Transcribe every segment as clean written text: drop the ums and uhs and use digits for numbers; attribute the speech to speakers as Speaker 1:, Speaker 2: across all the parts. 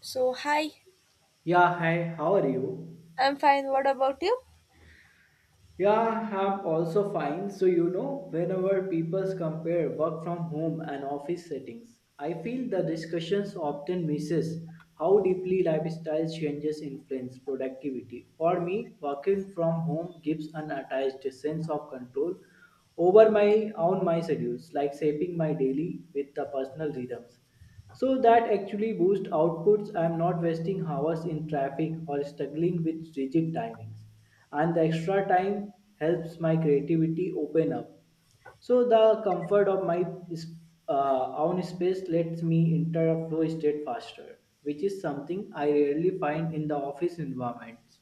Speaker 1: So, hi,
Speaker 2: Yeah, hi, how are you?
Speaker 1: I'm fine. What about you?
Speaker 2: Yeah, I'm also fine. So, whenever people compare work from home and office settings, I feel the discussions often misses how deeply lifestyle changes influence productivity. For me, working from home gives an attached sense of control over my schedules, like shaping my daily with the personal rhythms. So that actually boosts outputs. I am not wasting hours in traffic or struggling with rigid timings. And the extra time helps my creativity open up. So the comfort of my own space lets me enter a flow state faster, which is something I rarely find in the office environments.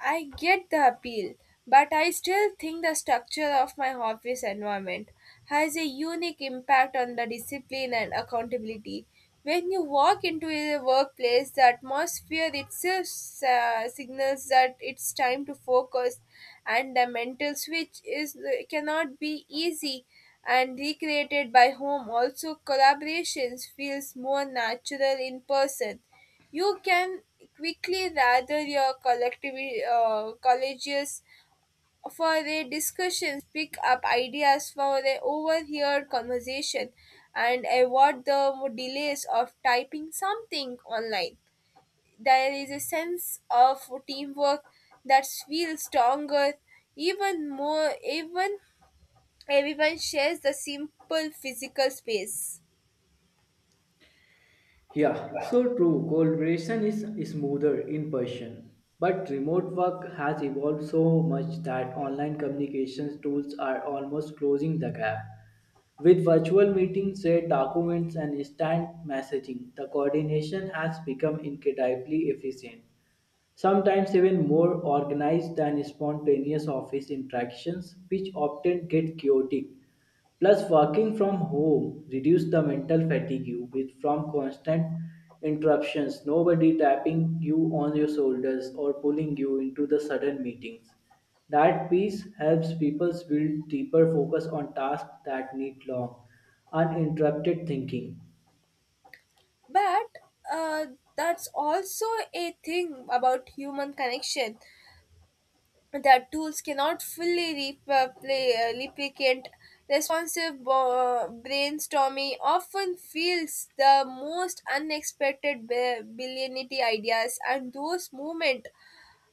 Speaker 1: I get the appeal, but I still think the structure of my office environment has a unique impact on the discipline and accountability. When you walk into a workplace, the atmosphere itself signals that it's time to focus, and the mental switch is cannot be easy and recreated by home. Also, collaborations feels more natural in person. You can quickly gather your collective colleges for a discussion, pick up ideas for an overheard conversation, and avoid the delays of typing something online. There is a sense of teamwork that feels stronger, even more, even everyone shares the simple physical space.
Speaker 2: Yeah, so true. Collaboration is smoother in person. But remote work has evolved so much that online communications tools are almost closing the gap. With virtual meetings, shared documents, and instant messaging, the coordination has become incredibly efficient, sometimes even more organized than spontaneous office interactions, which often get chaotic. Plus, working from home reduces the mental fatigue with from constant interruptions, nobody tapping you on your shoulders or pulling you into the sudden meetings. That peace helps people build deeper focus on tasks that need long, uninterrupted thinking.
Speaker 1: But uh, that's also a thing about human connection that tools cannot fully replicate. Responsive brainstorming often fields the most unexpected billionity ideas, and those moments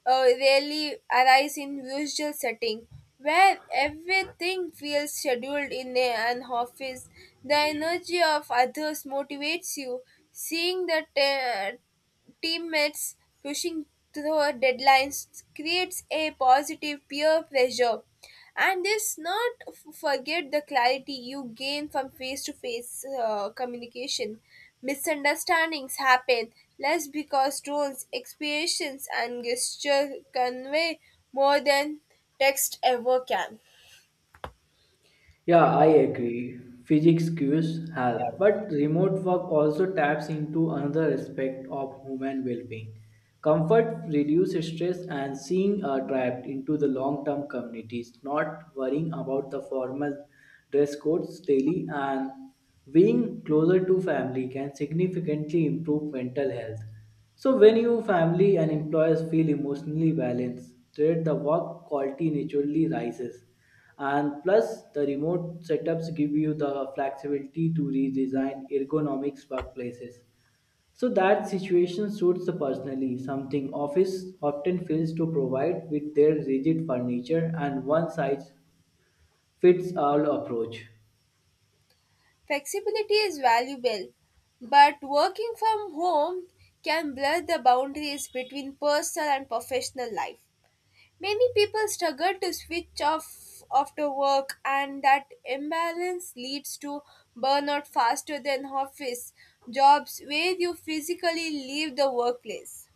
Speaker 1: rarely arise in usual setting where everything feels scheduled in an office. The energy of others motivates you, seeing the teammates pushing through deadlines creates a positive peer pressure. And this not forget the clarity you gain from face to face communication. Misunderstandings happen less because tones, expressions, and gesture convey more than text ever can.
Speaker 2: Yeah, I agree. Physics cues help, but remote work also taps into another aspect of human well-being. Comfort reduces stress and seeing are trapped into the long-term communities, not worrying about the formal dress codes daily and being closer to family can significantly improve mental health. So when your family and employers feel emotionally balanced, then the work quality naturally rises. And plus the remote setups give you the flexibility to redesign ergonomics workplaces. So that situation suits the personally, something office often fails to provide with their rigid furniture and one size fits all approach.
Speaker 1: Flexibility is valuable, but working from home can blur the boundaries between personal and professional life. Many people struggle to switch off after work, and that imbalance leads to burnout faster than office jobs where you physically leave the workplace.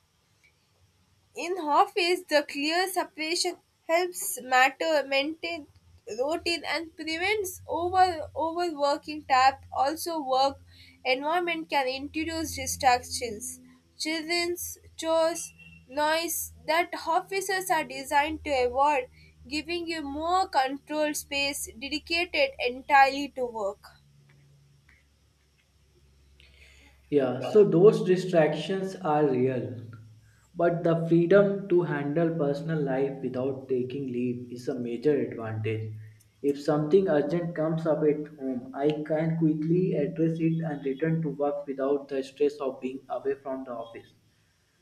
Speaker 1: In office, the clear separation helps matter maintain routine and prevents over overworking tap. Also work environment can introduce distractions, children's chores, noise that offices are designed to avoid, giving you more controlled space dedicated entirely to work.
Speaker 2: Yeah, so those distractions are real. But the freedom to handle personal life without taking leave is a major advantage. If something urgent comes up at home, I can quickly address it and return to work without the stress of being away from the office.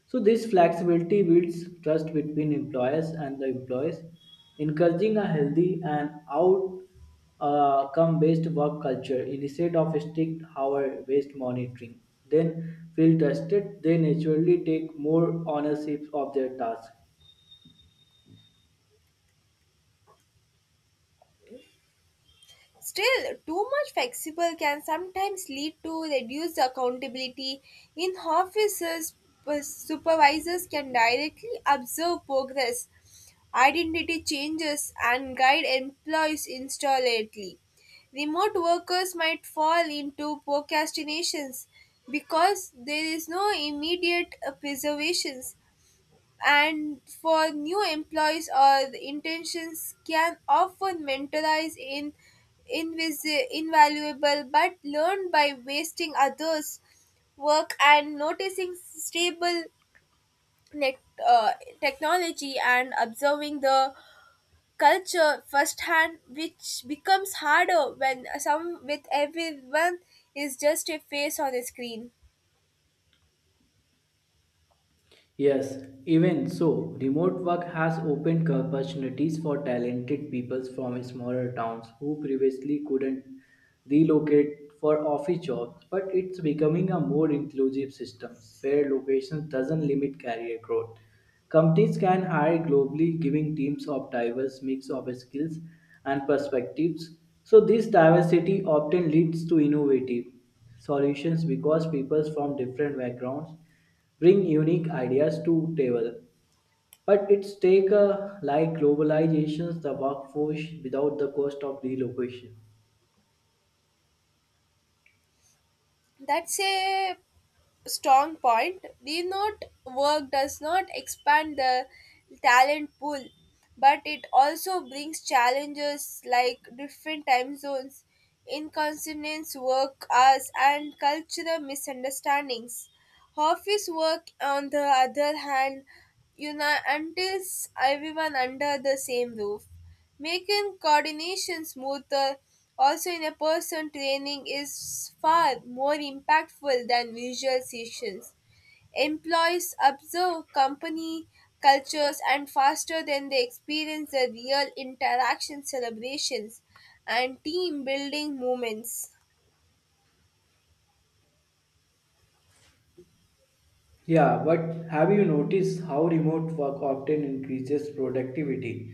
Speaker 2: So this flexibility builds trust between employers and the employees, encouraging a healthy and out come based work culture instead of strict hour based monitoring. Then feel trusted, they naturally take more ownership of their task.
Speaker 1: Still, too much flexible can sometimes lead to reduced accountability. In offices, supervisors can directly observe progress, identity changes, and guide employees instantly. Remote workers might fall into procrastinations because there is no immediate preservations. And for new employees or the intentions can often mentalize in invaluable, but learn by wasting others work and noticing stable nec- uh, technology, and observing the culture firsthand, which becomes harder when some with everyone is just a face on a screen.
Speaker 2: Yes, even so, remote work has opened opportunities for talented people from smaller towns who previously couldn't relocate for office jobs, but it's becoming a more inclusive system where location doesn't limit career growth. Companies can hire globally, giving teams of diverse mix of skills and perspectives. So this diversity often leads to innovative solutions because people from different backgrounds bring unique ideas to table. But it's take a like globalizations the workforce without the cost of relocation.
Speaker 1: That's a strong point. The note work does not expand the talent pool, but it also brings challenges like different time zones, inconsistent work hours, and cultural misunderstandings. Office work, on the other hand, unties everyone under the same roof, making coordination smoother. Also, in a person training is far more impactful than visual sessions. Employees observe company cultures and faster than they experience the real interaction celebrations and team building moments.
Speaker 2: Yeah, but have you noticed how remote work often increases productivity?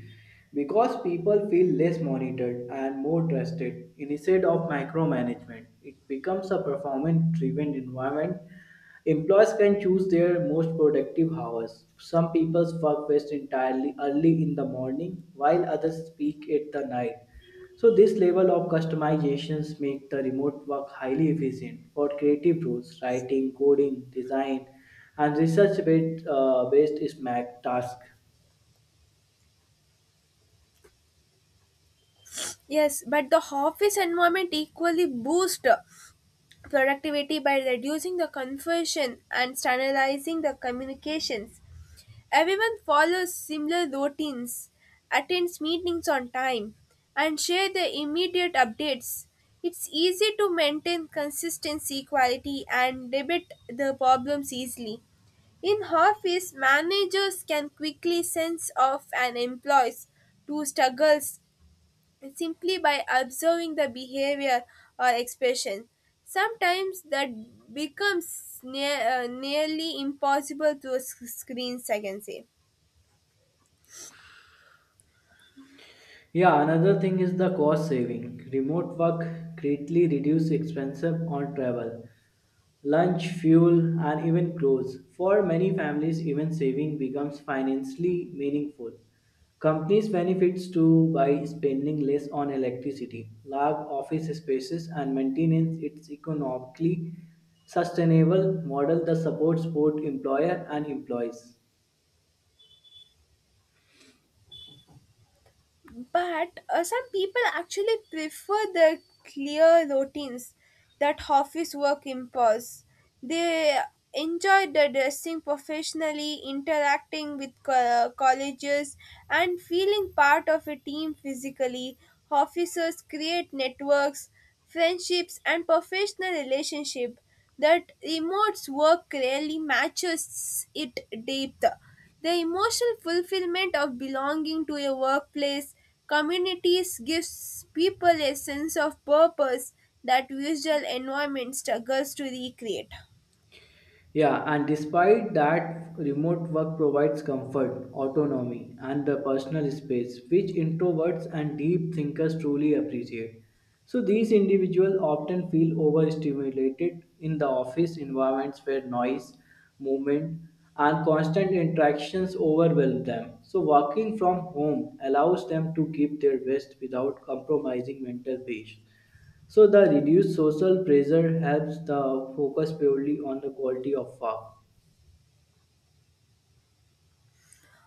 Speaker 2: Because people feel less monitored and more trusted instead of micromanagement. It becomes a performance driven environment. Employees can choose their most productive hours. Some people's work best entirely early in the morning, while others peak at the night. So this level of customizations make the remote work highly efficient for creative roles, writing, coding, design, and research-based based SMAC tasks.
Speaker 1: Yes, but the office environment equally boosts productivity by reducing the confusion and standardizing the communications. Everyone follows similar routines, attends meetings on time, and share the immediate updates. It's easy to maintain consistency, quality, and debate the problems easily. In office, managers can quickly sense of an employee's to struggles simply by observing the behavior or expression. Sometimes that becomes nearly impossible through screens, I can say.
Speaker 2: Yeah, another thing is the cost saving. Remote work greatly reduces expenses on travel, lunch, fuel, and even clothes. For many families, even saving becomes financially meaningful. Companies benefits too by spending less on electricity, large office spaces, and maintenance. It's economically sustainable model that supports both employer and employees.
Speaker 1: But some people actually prefer the clear routines that office work impose. They enjoy the dressing professionally, interacting with colleges, and feeling part of a team physically. Officers create networks, friendships, and professional relationship that remote's work rarely matches it depth. The emotional fulfillment of belonging to a workplace communities gives people a sense of purpose that visual environment struggles to recreate.
Speaker 2: Yeah, and despite that, remote work provides comfort, autonomy, and the personal space which introverts and deep thinkers truly appreciate. So, these individuals often feel overstimulated in the office environments where noise, movement, and constant interactions overwhelm them. So, working from home allows them to give their best without compromising mental peace. So the reduced social pressure helps the focus purely on the quality of work.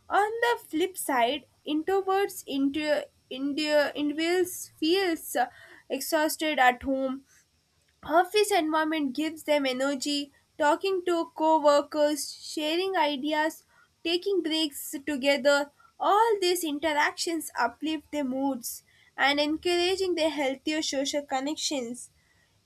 Speaker 1: On the flip side, introverts into India individuals feels exhausted at home. Office environment gives them energy, talking to co-workers, sharing ideas, taking breaks together. All these interactions uplift their moods and encouraging their healthier social connections.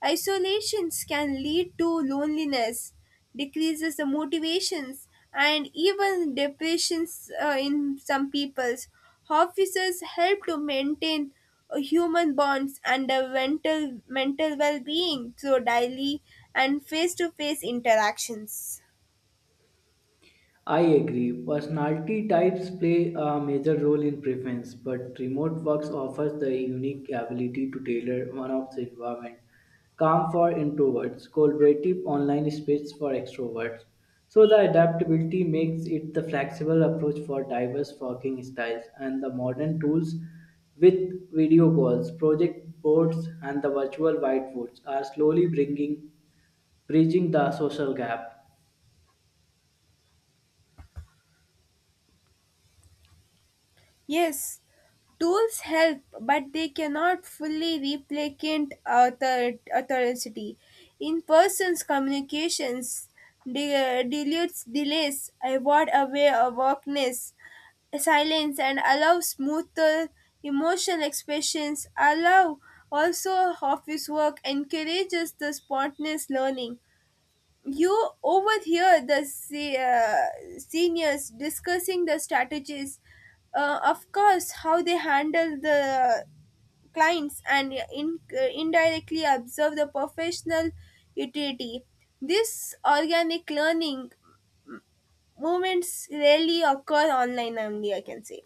Speaker 1: Isolations can lead to loneliness, decreases the motivations, and even depressions in some peoples. Officers help to maintain human bonds and a mental well-being through daily and face-to-face interactions.
Speaker 2: I agree. Personality types play a major role in preference, but remote works offers the unique ability to tailor one of the environment. Calm for introverts, collaborative online space for extroverts. So the adaptability makes it the flexible approach for diverse working styles and the modern tools with video calls, project boards and the virtual whiteboards are slowly bringing bridging the social gap.
Speaker 1: Yes, tools help, but they cannot fully replicate authority. In persons, communications dilutes delays, avoid away awakeness, silence, and allow smoother emotional expressions. Allow also office work encourages the spontaneous learning. You overhear the seniors discussing the strategies, of course how they handle the clients, and indirectly observe the professional utility. This organic learning moments rarely occur online, only I can say.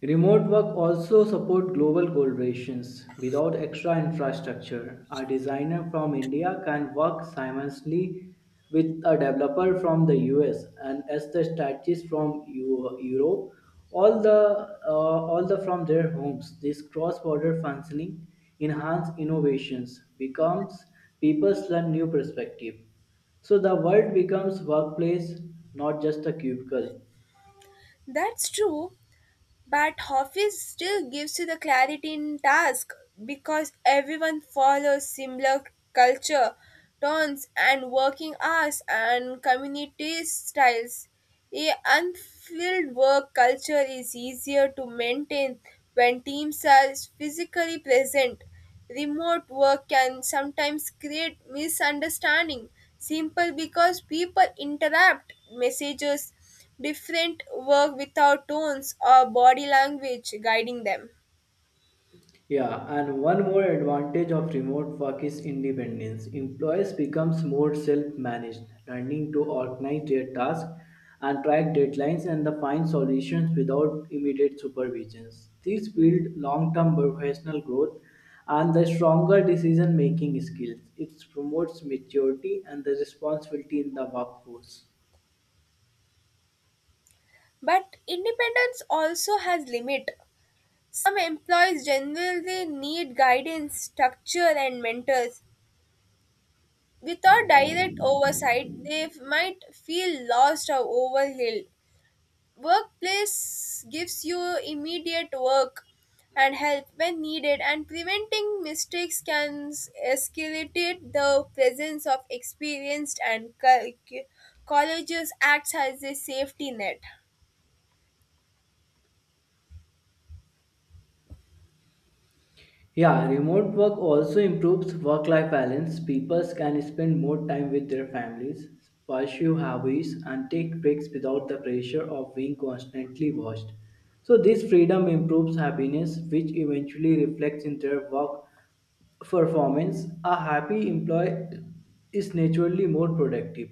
Speaker 2: Remote work also support global collaborations without extra infrastructure. A designer from India can work simultaneously with a developer from the US and as the strategist from Europe, all the from their homes. This cross-border functioning enhance innovations, becomes people learn new perspective. So the world becomes workplace, not just a cubicle.
Speaker 1: That's true. But Office still gives you the clarity in task because everyone follows similar culture, tones, and working hours and community styles. A unfilled work culture is easier to maintain when teams are physically present. Remote work can sometimes create misunderstanding, simple because people interrupt messages different work without tones or body language guiding them.
Speaker 2: Yeah, and one more advantage of remote work is independence. Employees becomes more self-managed, learning to organize their tasks and track deadlines and the find solutions without immediate supervisions. This build long-term professional growth and the stronger decision-making skills. It promotes maturity and the responsibility in the workforce.
Speaker 1: But independence also has limit. Some employees generally need guidance, structure and mentors. Without direct oversight, they might feel lost or overwhelmed. Workplace gives you immediate work and help when needed, and preventing mistakes can escalate. The presence of experienced and colleges acts as a safety net.
Speaker 2: Yeah, remote work also improves work life balance. People can spend more time with their families, pursue hobbies, and take breaks without the pressure of being constantly watched. So, this freedom improves happiness, which eventually reflects in their work performance. A happy employee is naturally more productive.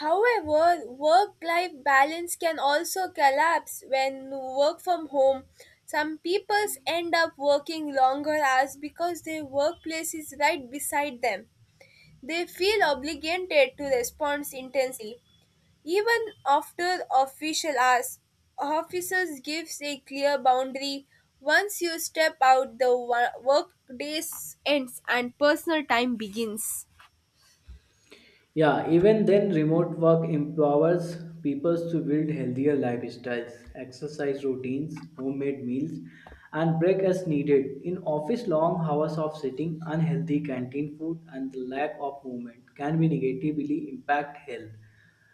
Speaker 1: However, work life balance can also collapse when work from home. Some people end up working longer hours because their workplace is right beside them. They feel obligated to respond intensely even after official hours. Officers gives a clear boundary. Once you step out, the work day ends and personal time begins.
Speaker 2: Yeah, even then, remote work empowers people to build healthier lifestyles, exercise routines, homemade meals, and break as needed. In office, long hours of sitting, unhealthy canteen food, and the lack of movement can be negatively impact health.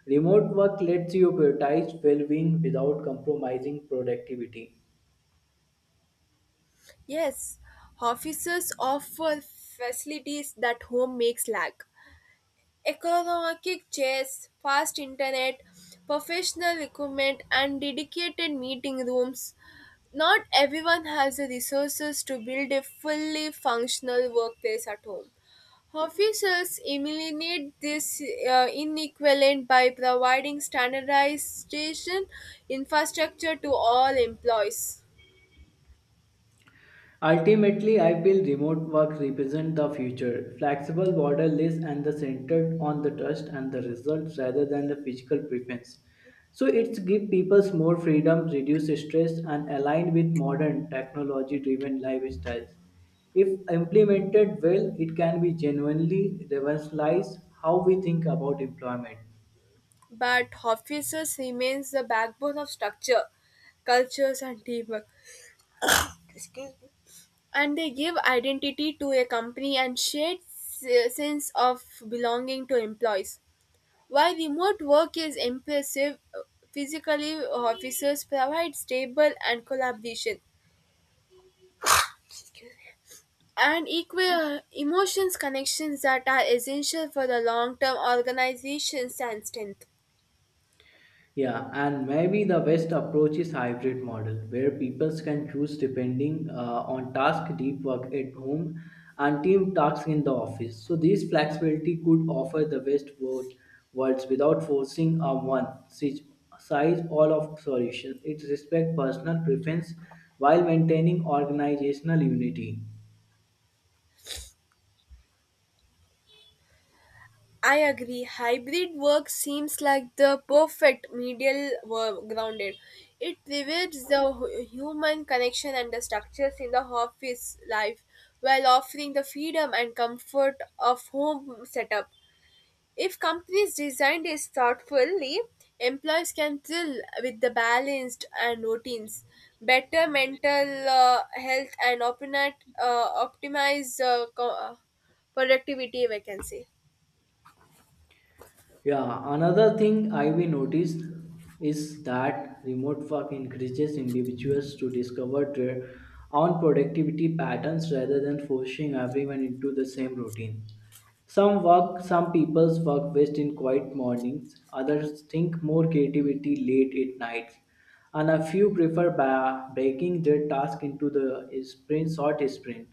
Speaker 2: Remote work lets you prioritize well-being without compromising productivity.
Speaker 1: Yes, officers offer facilities that home makes lack. Economic chairs, fast internet, professional equipment, and dedicated meeting rooms. Not everyone has the resources to build a fully functional workplace at home. Officials eliminate this inequivalent by providing standardization infrastructure to all employees.
Speaker 2: Ultimately, I feel remote work represents the future, flexible, borderless, and the centered on the trust and the results rather than the physical preference. So it gives people more freedom, reduce stress, and align with modern technology-driven lifestyles. If implemented well, it can be genuinely revolutionize how we think about employment.
Speaker 1: But officers remains the backbone of structure, cultures, and teamwork, and they give identity to a company and shared sense of belonging to employees. While remote work is impressive, physically officers provide stable and collaboration and equal emotions connections that are essential for the long-term organization's and strength.
Speaker 2: Yeah, and maybe the best approach is hybrid model where people can choose depending on task, deep work at home, and team tasks in the office. So this flexibility could offer the best both worlds without forcing a size all of solution. It respects personal preference while maintaining organizational unity.
Speaker 1: I agree. Hybrid work seems like the perfect medial grounded. It reveals the human connection and the structures in the office life while offering the freedom and comfort of home setup. If companies designed is thoughtfully, employees can thrill with the balanced and routines, better mental health, and opinat, optimize productivity, if I can say.
Speaker 2: Yeah, another thing I will notice is that remote work encourages individuals to discover their own productivity patterns rather than forcing everyone into the same routine. Some people's work best in quiet mornings, others think more creativity late at night, and a few prefer breaking their task into the short sprint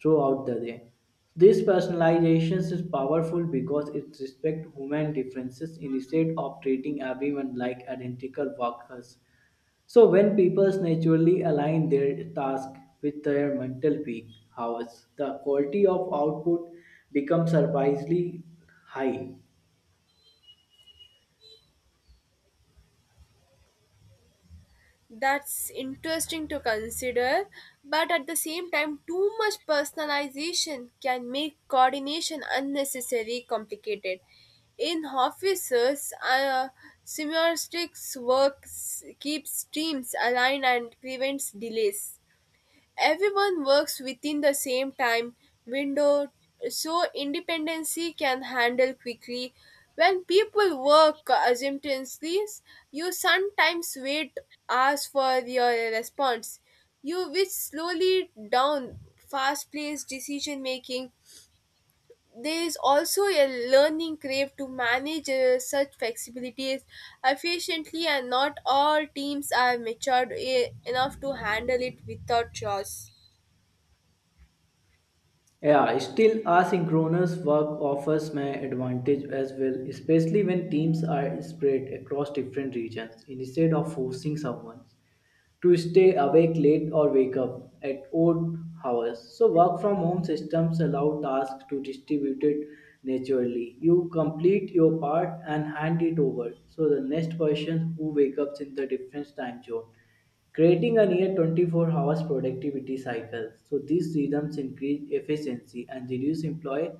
Speaker 2: throughout the day. This personalization is powerful because it respects human differences instead of treating everyone like identical workers. So when people naturally align their task with their mental peak hours, the quality of output becomes surprisingly high.
Speaker 1: That's interesting to consider, but at the same time too much personalization can make coordination unnecessarily complicated. In offices semiotics works keeps teams aligned and prevents delays. Everyone works within the same time window, so independency can handle quickly. When people work assumptively, you sometimes wait hours for your response. You which slowly down fast-paced decision making. There is also a learning crave to manage such flexibilities efficiently, and not all teams are matured enough to handle it without chaos.
Speaker 2: Yeah, still asynchronous work offers my advantage as well, especially when teams are spread across different regions instead of forcing someone to stay awake late or wake up at odd hours. So work from home systems allow tasks to distribute it naturally. You complete your part and hand it over. So the next person who wakes up in the different time zone, creating a near 24 hours productivity cycle. So these rhythms increase efficiency and reduce employee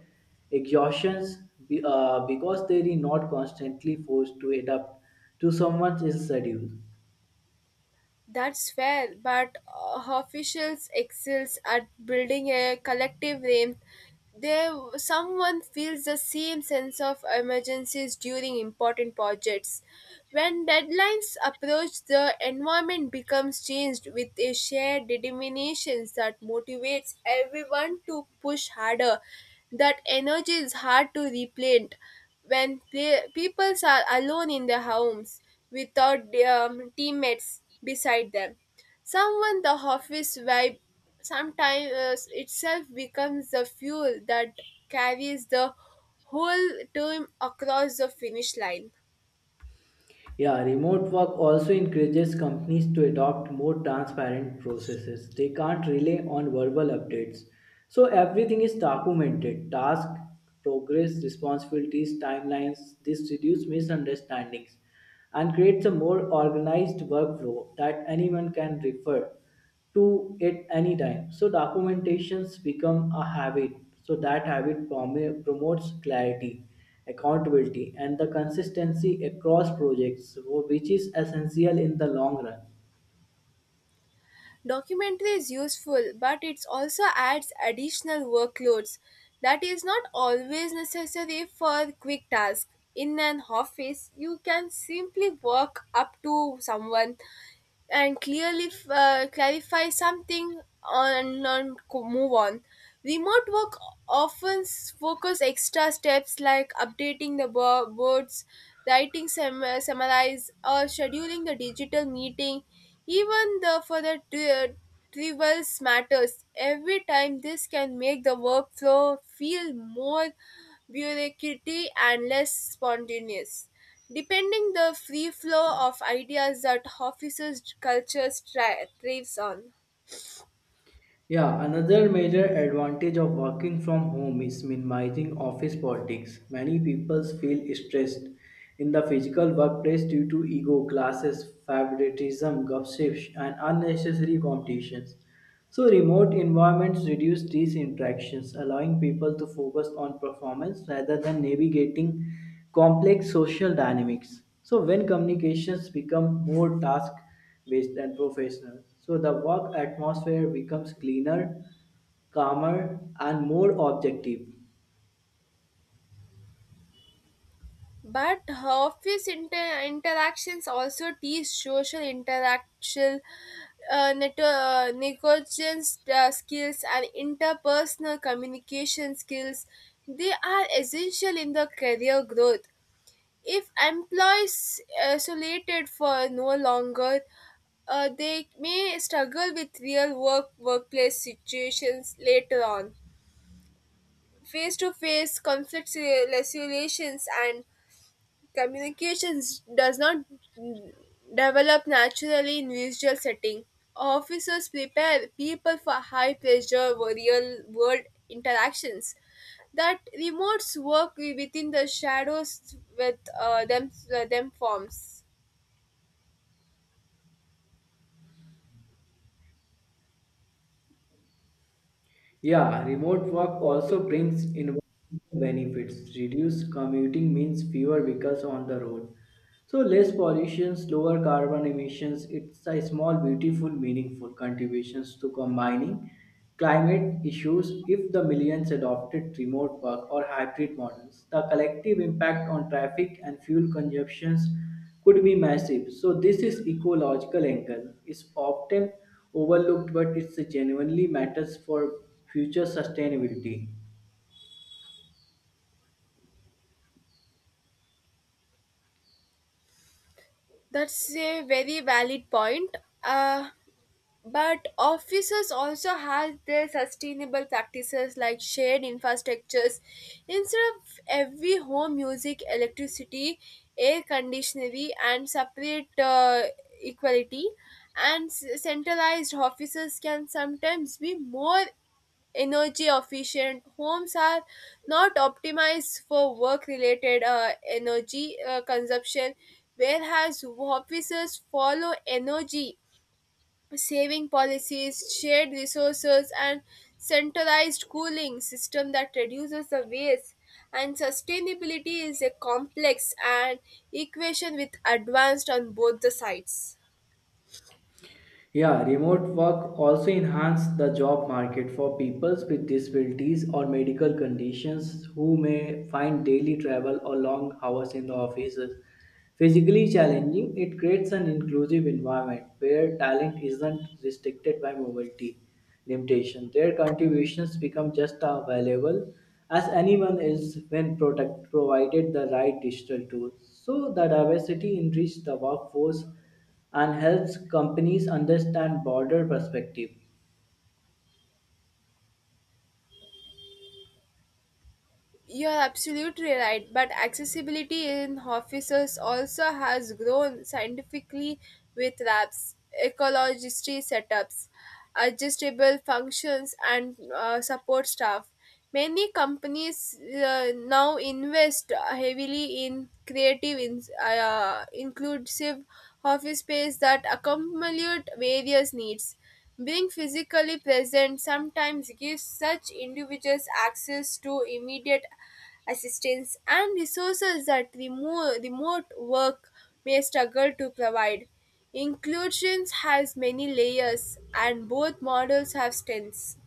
Speaker 2: exhaustions because they are not constantly forced to adapt to someone else's schedule.
Speaker 1: That's fair, but officials excels at building a collective name. There, someone feels the same sense of emergencies during important projects. When deadlines approach, the environment becomes changed with a shared determination that motivates everyone to push harder. That energy is hard to replant when peoples are alone in their homes without teammates beside them. Someone the office vibe sometimes itself becomes the fuel that carries the whole team across the finish line.
Speaker 2: Yeah, remote work also encourages companies to adopt more transparent processes. They can't rely on verbal updates. So everything is documented task, progress, responsibilities, timelines. This reduces misunderstandings and creates a more organized workflow that anyone can refer to it anytime. So documentations become a habit. So that habit promotes clarity, accountability, and the consistency across projects, which is essential in the long run.
Speaker 1: Documentary is useful, but it also adds additional workloads that is not always necessary for quick tasks. In an office, you can simply walk up to someone and clearly clarify something on, move on. Remote work often focus extra steps like updating the boards, writing summarize, or scheduling the digital meeting even the for the trivial matters every time. This can make the workflow feel more bureaucratic and less spontaneous, depending the free flow of ideas that offices culture thrives on.
Speaker 2: Yeah, another major advantage of working from home is minimizing office politics. Many people feel stressed in the physical workplace due to ego, classes, favoritism, gossips, and unnecessary competitions. So, remote environments reduce these interactions, allowing people to focus on performance rather than navigating complex social dynamics. So, when communications become more task based and professional. So the work atmosphere becomes cleaner, calmer, and more objective.
Speaker 1: But office interactions also teach social interaction, negotiations skills, and interpersonal communication skills. They are essential in the career growth if employees isolated for no longer, they may struggle with real work workplace situations later on. Face to face conflicts resolutions and communications does not mm, develop naturally in visual setting. Officers prepare people for high pressure real world interactions that remotes work within the shadows with them forms.
Speaker 2: Yeah, remote work also brings environmental benefits. Reduced commuting means fewer vehicles on the road. So less pollution, lower carbon emissions. It's a small, beautiful, meaningful contributions to combining climate issues if the millions adopted remote work or hybrid models. The collective impact on traffic and fuel consumptions could be massive. So, this is ecological angle is often overlooked, but it genuinely matters for future sustainability.
Speaker 1: That's a very valid point. Uh, But offices also have their sustainable practices like shared infrastructures. Instead of every home using electricity, air conditioning, and separate equality, and centralized offices can sometimes be more energy efficient. Homes are not optimized for work-related energy consumption, whereas offices follow energy saving policies, shared resources, and centralized cooling system that reduces the waste. And sustainability is a complex and equation with advanced on both the sides.
Speaker 2: Yeah, remote work also enhances the job market for people with disabilities or medical conditions who may find daily travel or long hours in the offices physically challenging. It creates an inclusive environment where talent isn't restricted by mobility limitation. Their contributions become just as valuable as anyone else when product provided the right digital tools. So the diversity enriches the workforce and helps companies understand broader perspective.
Speaker 1: You're absolutely right, but accessibility in offices also has grown scientifically with labs, ecologistry setups, adjustable functions, and support staff. Many companies now invest heavily in creative, inclusive office space that accommodate various needs. Being physically present sometimes gives such individuals access to immediate assistance and resources that remote work may struggle to provide. Inclusion has many layers, and both models have strengths.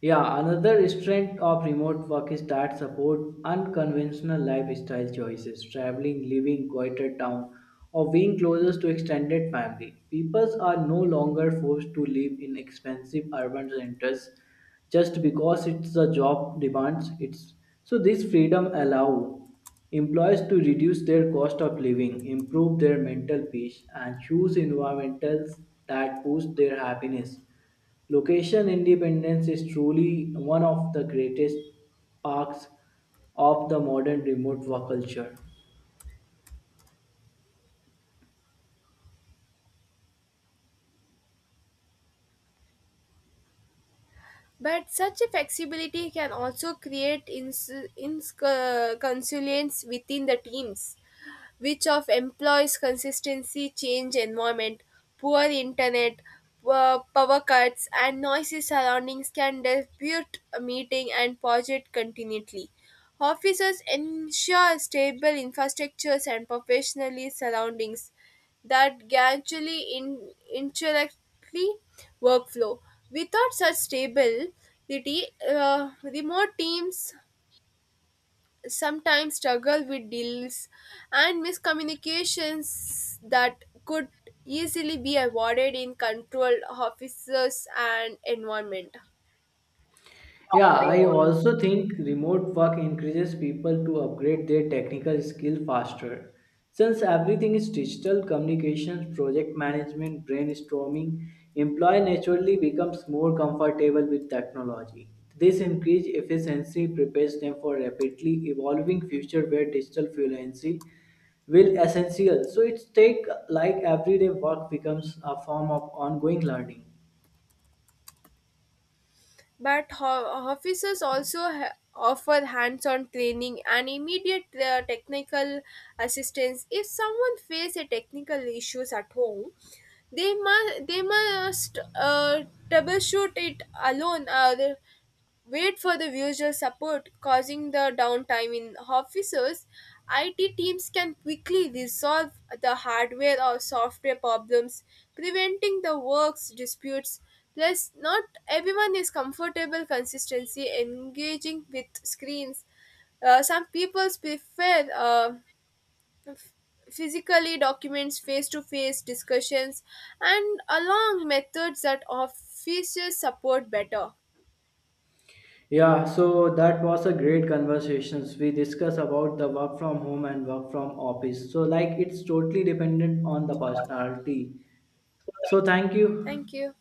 Speaker 2: Yeah, another strength of remote work is that support unconventional lifestyle choices, traveling, living quieter town, or being closer to extended family. People are no longer forced to live in expensive urban centers just because it's the job demands it's so this freedom allow employees to reduce their cost of living, improve their mental peace, and choose environments that boost their happiness. Location independence is truly one of the greatest parks of the modern remote work culture.
Speaker 1: But such a flexibility can also create inconsistencies within the teams, which of employees consistency change environment. Poor internet, poor power cuts, and noisy surroundings can disrupt a meeting and project continuity. Officers ensure stable infrastructures and professionally surroundings that gradually indirectly workflow. Without such stability, remote teams sometimes struggle with deals and miscommunications that could easily be avoided in control officers and environment.
Speaker 2: Yeah, I also think remote work encourages people to upgrade their technical skill faster. Since everything is digital communications, project management, brainstorming, employee naturally becomes more comfortable with technology. This increased efficiency prepares them for rapidly evolving future where digital fluency will essential so it's take like everyday work becomes a form of ongoing learning.
Speaker 1: But officers also offer hands-on training and immediate technical assistance. If someone face a technical issues at home, they must they must troubleshoot it alone, wait for the usual support causing the downtime. In offices, it teams can quickly resolve the hardware or software problems, preventing the works disputes. Plus not everyone is comfortable consistency engaging with screens. Some people prefer f- physically documents, face to face discussions, and along methods that offices support better.
Speaker 2: Yeah, so that was a great conversations we discuss about the work from home and work from office so like it's totally dependent on the personality. So thank you.
Speaker 1: Thank you.